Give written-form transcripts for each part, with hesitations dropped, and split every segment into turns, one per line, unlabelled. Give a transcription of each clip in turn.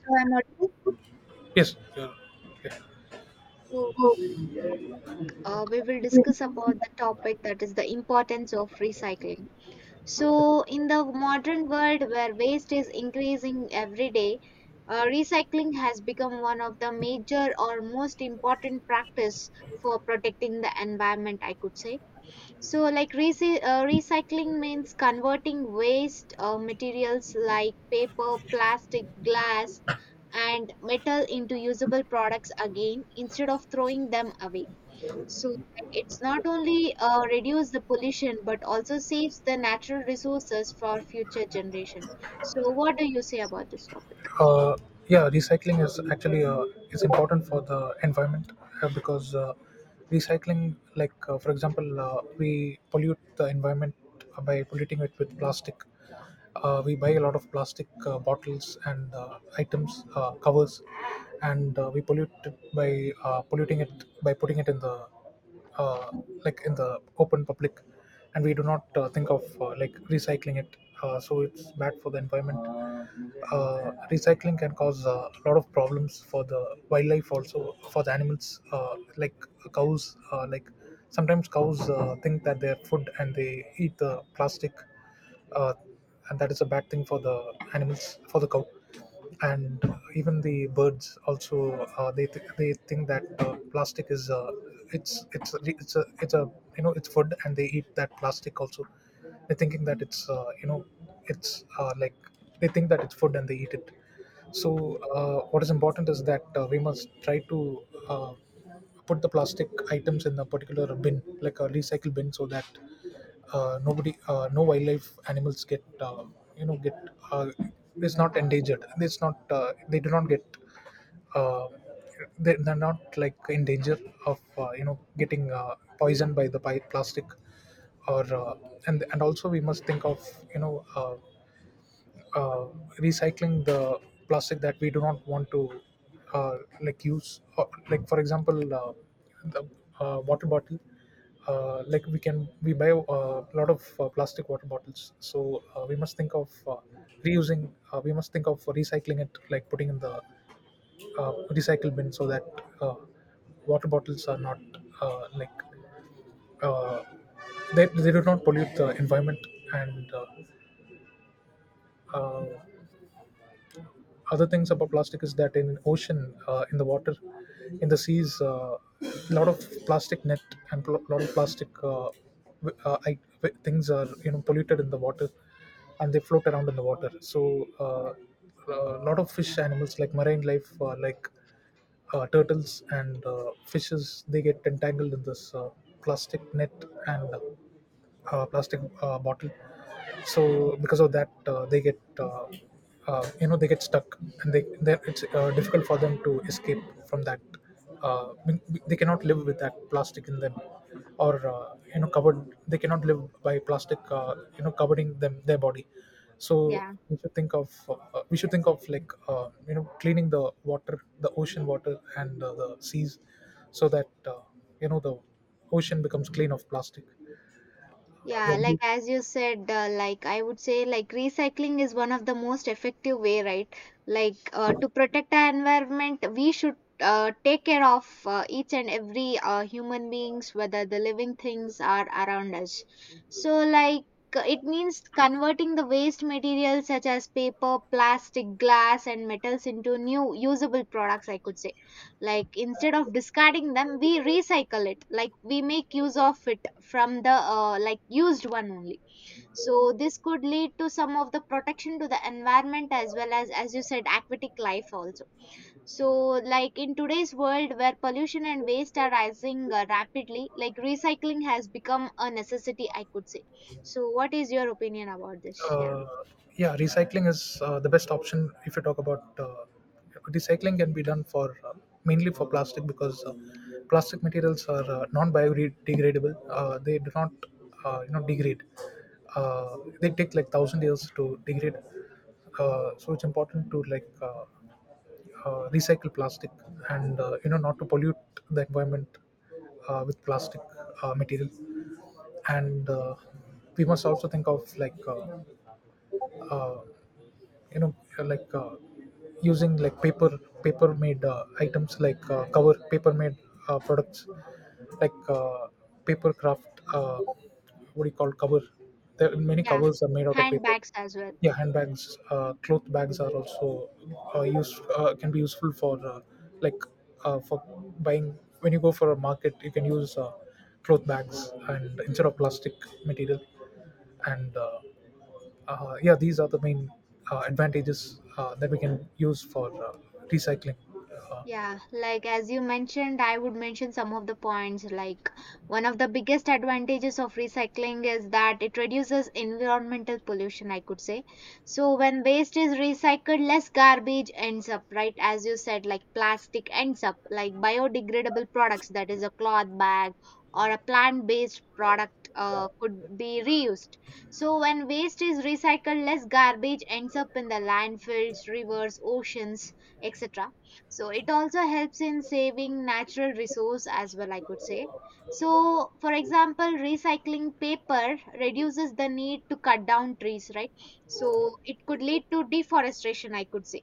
So I'm audible.
Yes,
So we will discuss about the topic that is the importance of recycling. So in the modern world where waste is increasing every day, recycling has become one of the major or most important practice for protecting the environment, I could say. So like recycling means converting waste materials like paper, plastic, glass, and metal into usable products again instead of throwing them away. So like, it's not only reduce the pollution but also saves the natural resources for future generation. So what do you say about this topic?
uh, yeah, recycling is actually is important for the environment because recycling, like, for example, we pollute the environment by polluting it with plastic. We buy a lot of plastic bottles and items, covers, and we pollute it by polluting it by putting it in the, uh, like, in the open public, and we do not think of like recycling it, so it's bad for the environment. Recycling can cause a lot of problems for the wildlife, also for the animals, like cows. Like, sometimes cows think that they're food and they eat the plastic, uh, and that is a bad thing for the animals, for the cow. And even the birds also, they think that plastic is it's a you know it's food, and they eat that plastic also. They're thinking that it's, it's, like, they think that it's food and they eat it. So what is important is that we must try to put the plastic items in a particular bin like a recycle bin, so that nobody, no wildlife animals get, get, uh, it's not
I- I-
endangered, it's not, they do not get, uh, they're not like in danger of getting poisoned by the plastic, or and also we must think of, you know uh, uh, recycling the plastic that we do not want to like use, like for example, the water bottle. Like, we buy a lot of plastic water bottles, so we must think of reusing, we must think of recycling it, like putting in the recycle bin, so that uh, water bottles are not, like, uh, they do not pollute the environment. And uh, other things about plastic is that in ocean, in the water, in the seas, a lot of plastic net and a lot of plastic things are, you know, polluted in the water, and they float around in the water. So uh, a lot of fish animals like marine life, like turtles and fishes, they get entangled in this plastic net and plastic bottle. So because of that, they get you know, they get stuck, and it's difficult for them to escape from that. They cannot live with that plastic in them, or, you know, covered. They cannot live by plastic, you know, covering them, their body. So
Yeah.
we should think of, we should think of like, cleaning the water, the ocean water, and the seas, so that uh, the ocean becomes clean of plastic.
Yeah,
Yeah,
like as you said, like I would say, like recycling is one of the most effective way, right? Like to protect our environment, we should take care of each and every human beings, whether the living things are around us. So, like it means converting the waste materials such as paper, plastic, glass, and metals into new usable products. I could say, like instead of discarding them we recycle it, like we make use of it from the like used one only. So this could lead to some of the protection to the environment, as well as you said, aquatic life also. So like in today's world where pollution and waste are rising rapidly, like recycling has become a necessity, I could say. So what is your opinion about this? Yeah.
uh, yeah, recycling is the best option. If you talk about recycling, can be done for, mainly for plastic, because plastic materials are non-biodegradable. They do not, you know, degrade. They take like thousand years to degrade. So it's important to, like, recycle plastic and, you know, not to pollute the environment with plastic material. And we must also think of, like, uh, like, using like paper made items, like cover, paper made products, like paper craft, what do you call, cover. There are many
Yeah,
covers are made out of paper.
handbags as well.
Yeah, handbags, cloth bags are also used, can be useful for, like, for buying, when you go for a market, you can use cloth bags and instead of plastic material. And yeah, these are the main advantages that we can use for recycling. Uh,
Yeah, like as you mentioned, I would mention some of the points. Like one of the biggest advantages of recycling is that it reduces environmental pollution, I could say. So when waste is recycled, less garbage ends up, right? As you said, like plastic ends up, like biodegradable products, that is a cloth bag or a plant-based product, could be reused. So when waste is recycled, less garbage ends up in the landfills, rivers, oceans, etc. So it also helps in saving natural resource as well, I could say. So for example, recycling paper reduces the need to cut down trees, right? So it could lead to deforestation, I could say.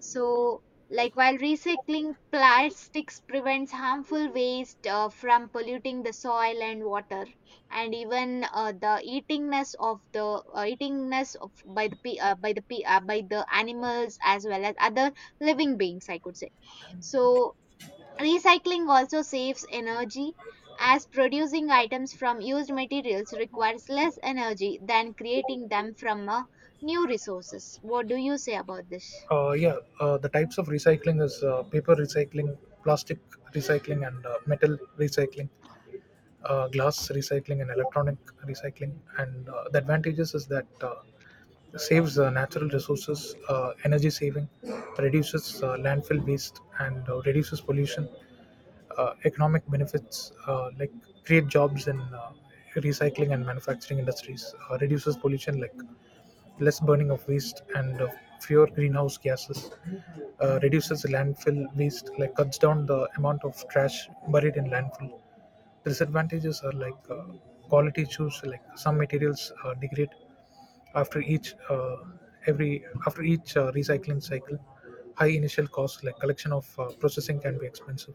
So like while recycling plastics prevents harmful waste from polluting the soil and water, and even the eatingness of by the by the by the animals, as well as other living beings, I could say. So, recycling also saves energy as producing items from used materials requires less energy than creating them from new resources. What do you say about this?
yeah, the types of recycling is paper recycling, plastic recycling, and metal recycling, glass recycling, and electronic recycling. And the advantages is that saves natural resources, energy saving, reduces landfill waste, and reduces pollution, economic benefits, like create jobs in recycling and manufacturing industries, reduces pollution, like less burning of waste, and fewer greenhouse gases, reduces landfill waste, like cuts down the amount of trash buried in landfill. Disadvantages are like quality issues, like some materials degrade after each recycling cycle. High initial costs, like collection of processing, can be expensive,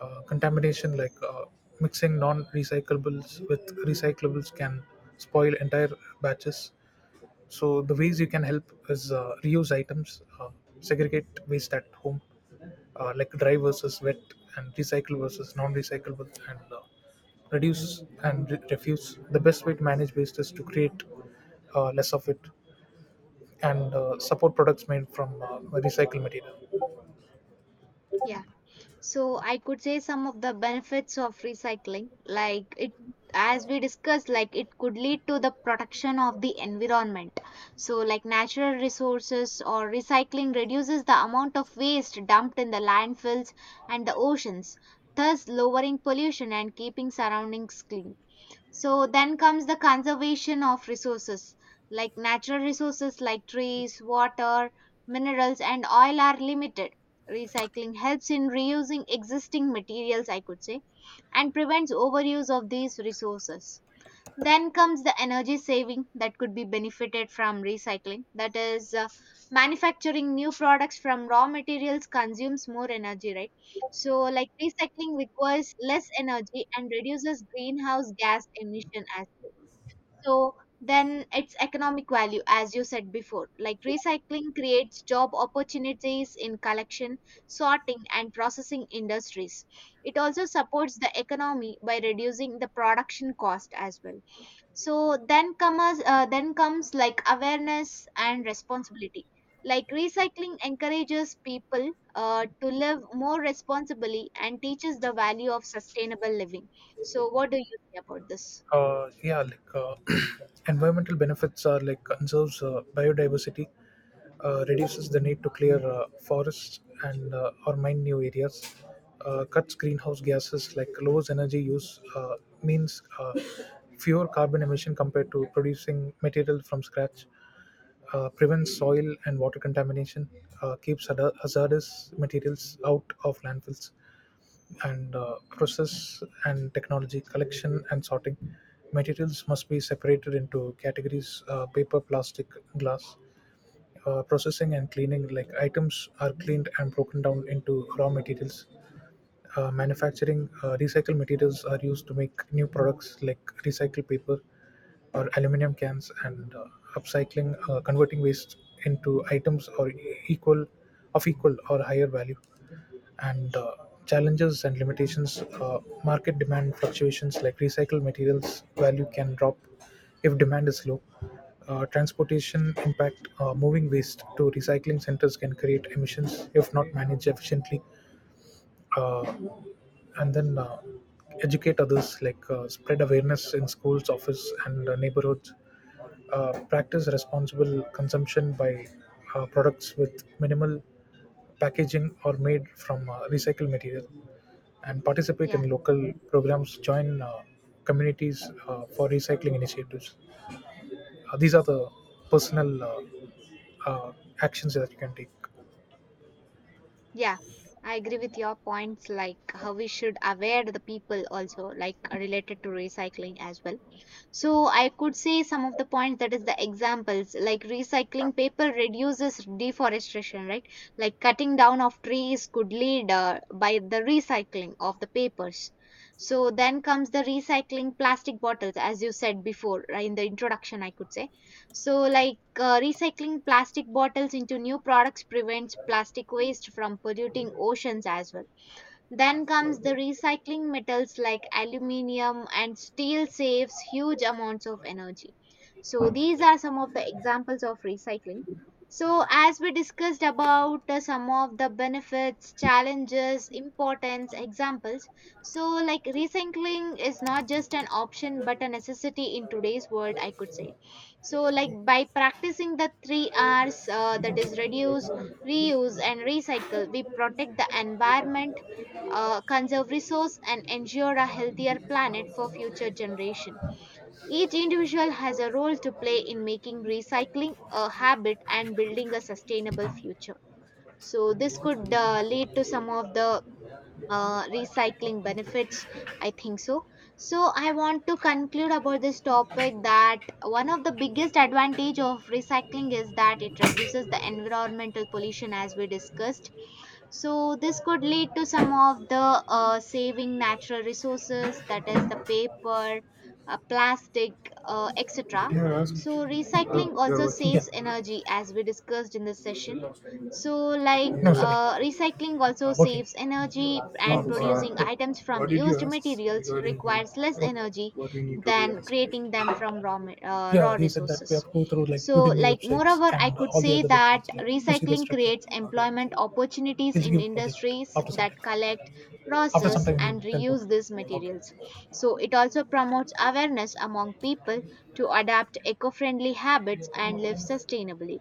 contamination, like mixing non-recyclables with recyclables can spoil entire batches. So the ways you can help is reuse items, segregate waste at home, like dry versus wet, and recycle versus non-recyclable, and reduce and refuse. The best way to manage waste is to create less of it, and support products made from recycled material.
Yeah. So I could say some of the benefits of recycling, like it, as we discussed, like it could lead to the protection of the environment. So like natural resources, or recycling reduces the amount of waste dumped in the landfills and the oceans, thus lowering pollution and keeping surroundings clean. So then comes the conservation of resources, like natural resources like trees, water, minerals, and oil are limited. Recycling helps in reusing existing materials, I could say, and prevents overuse of these resources. Then comes the energy saving that could be benefited from recycling. That is, manufacturing new products from raw materials consumes more energy, right? So, like recycling requires less energy and reduces greenhouse gas emission as well. So, then it's economic value, as you said before. Like recycling creates job opportunities in collection, sorting, and processing industries. It also supports the economy by reducing the production cost as well. So then comes like awareness and responsibility, like recycling encourages people to live more responsibly and teaches the value of sustainable living. So what do you say about this?
Yeah, like, environmental benefits are like conserves biodiversity, reduces the need to clear forests, and or mine new areas, cuts greenhouse gases, like lowers energy use, means fewer carbon emission compared to producing material from scratch, prevents soil and water contamination, keeps hazardous materials out of landfills, and process and technology, collection and sorting, materials must be separated into categories, paper, plastic, glass, processing and cleaning, like items are cleaned and broken down into raw materials, manufacturing, recycled materials are used to make new products like recycled paper or aluminum cans, and upcycling, converting waste into items or equal of equal or higher value. And challenges and limitations, market demand fluctuations, like recycled materials value can drop if demand is low, transportation impact, moving waste to recycling centers can create emissions if not managed efficiently, uh, and then educate others, like spread awareness in schools, office, and neighborhoods, practice responsible consumption by products with minimal packaging or made from recycled material, and participate
Yeah.
in local programs, join communities for recycling initiatives. These are the personal, uh, actions that you can take.
Yeah, I agree with your points, like how we should aware the people also, like related to recycling as well. So I could say some of the points, that is the examples, like recycling paper reduces deforestation, right? Like cutting down of trees could lead by the recycling of the papers. So then comes the recycling plastic bottles, as you said before, right, in the introduction, I could say. So, like recycling plastic bottles into new products prevents plastic waste from polluting oceans as well. Then comes the recycling metals like aluminium and steel saves huge amounts of energy. So these are some of the examples of recycling. So as we discussed about some of the benefits, challenges, importance, examples. So like recycling is not just an option but a necessity in today's world, I could say. So like by practicing the 3 Rs, that is reduce, reuse and recycle, we protect the environment, conserve resource, and ensure a healthier planet for future generation. Each individual has a role to play in making recycling a habit and building a sustainable future. So this could lead to some of the recycling benefits, I think so. So I want to conclude about this topic that one of the biggest advantage of recycling is that it reduces the environmental pollution, as we discussed. So this could lead to some of the saving natural resources, that is the paper, plastic,
What
etc.
dare I ask?
So recycling
You're
also
working. Yeah.
saves energy, as we discussed in this session. So like
No, you're sorry.
recycling also
Working.
saves energy,
No,
and producing
yeah.
items from
What did you
used
ask
materials
regarding,
requires less
what?
energy
What we need to do
than
as,
creating
right?
them from raw
Yeah, he said that we have
resources.
to go through like
So,
Udemy
like,
websites
moreover, I
and
could
all the
say
other
that
websites, like, to see the
recycling
structure.
creates
Okay.
employment opportunities
He'll
in
give project
industries
after some
that
time.
collect,
After some
process,
time,
and
we'll teleport.
reuse these
Okay.
materials. So, it also promotes awareness among people to adapt eco friendly habits and live sustainably.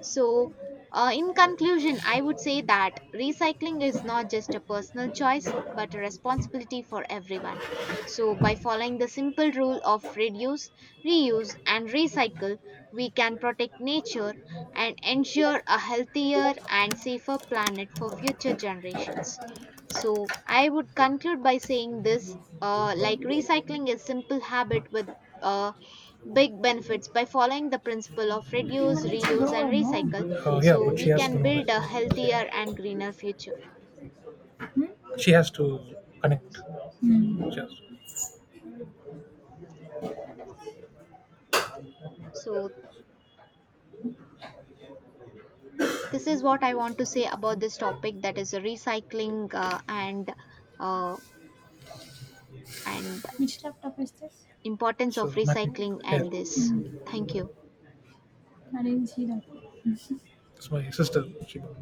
So, in conclusion, I would say that recycling is not just a personal choice but a responsibility for everyone. So, by following the simple rule of reduce, reuse, and recycle, we can protect nature and ensure a healthier and safer planet for future generations. So, I would conclude by saying this, like recycling is simple habit with uh, big benefits. By following the principle of
15
reduce,
minutes is
reuse, and
over, no?
recycle,
Yeah,
so
but she
we
has to
can
know that.
build a healthier and
She,
greener future.
she has to connect. She has to.
So, this is what I want to say about this topic, that is recycling, uh, and
Which laptop is this?
importance of
So, MacBook
recycling
Air.
and this.
Hmm,
Thank you.
I didn't see that. It's my sister. She bought.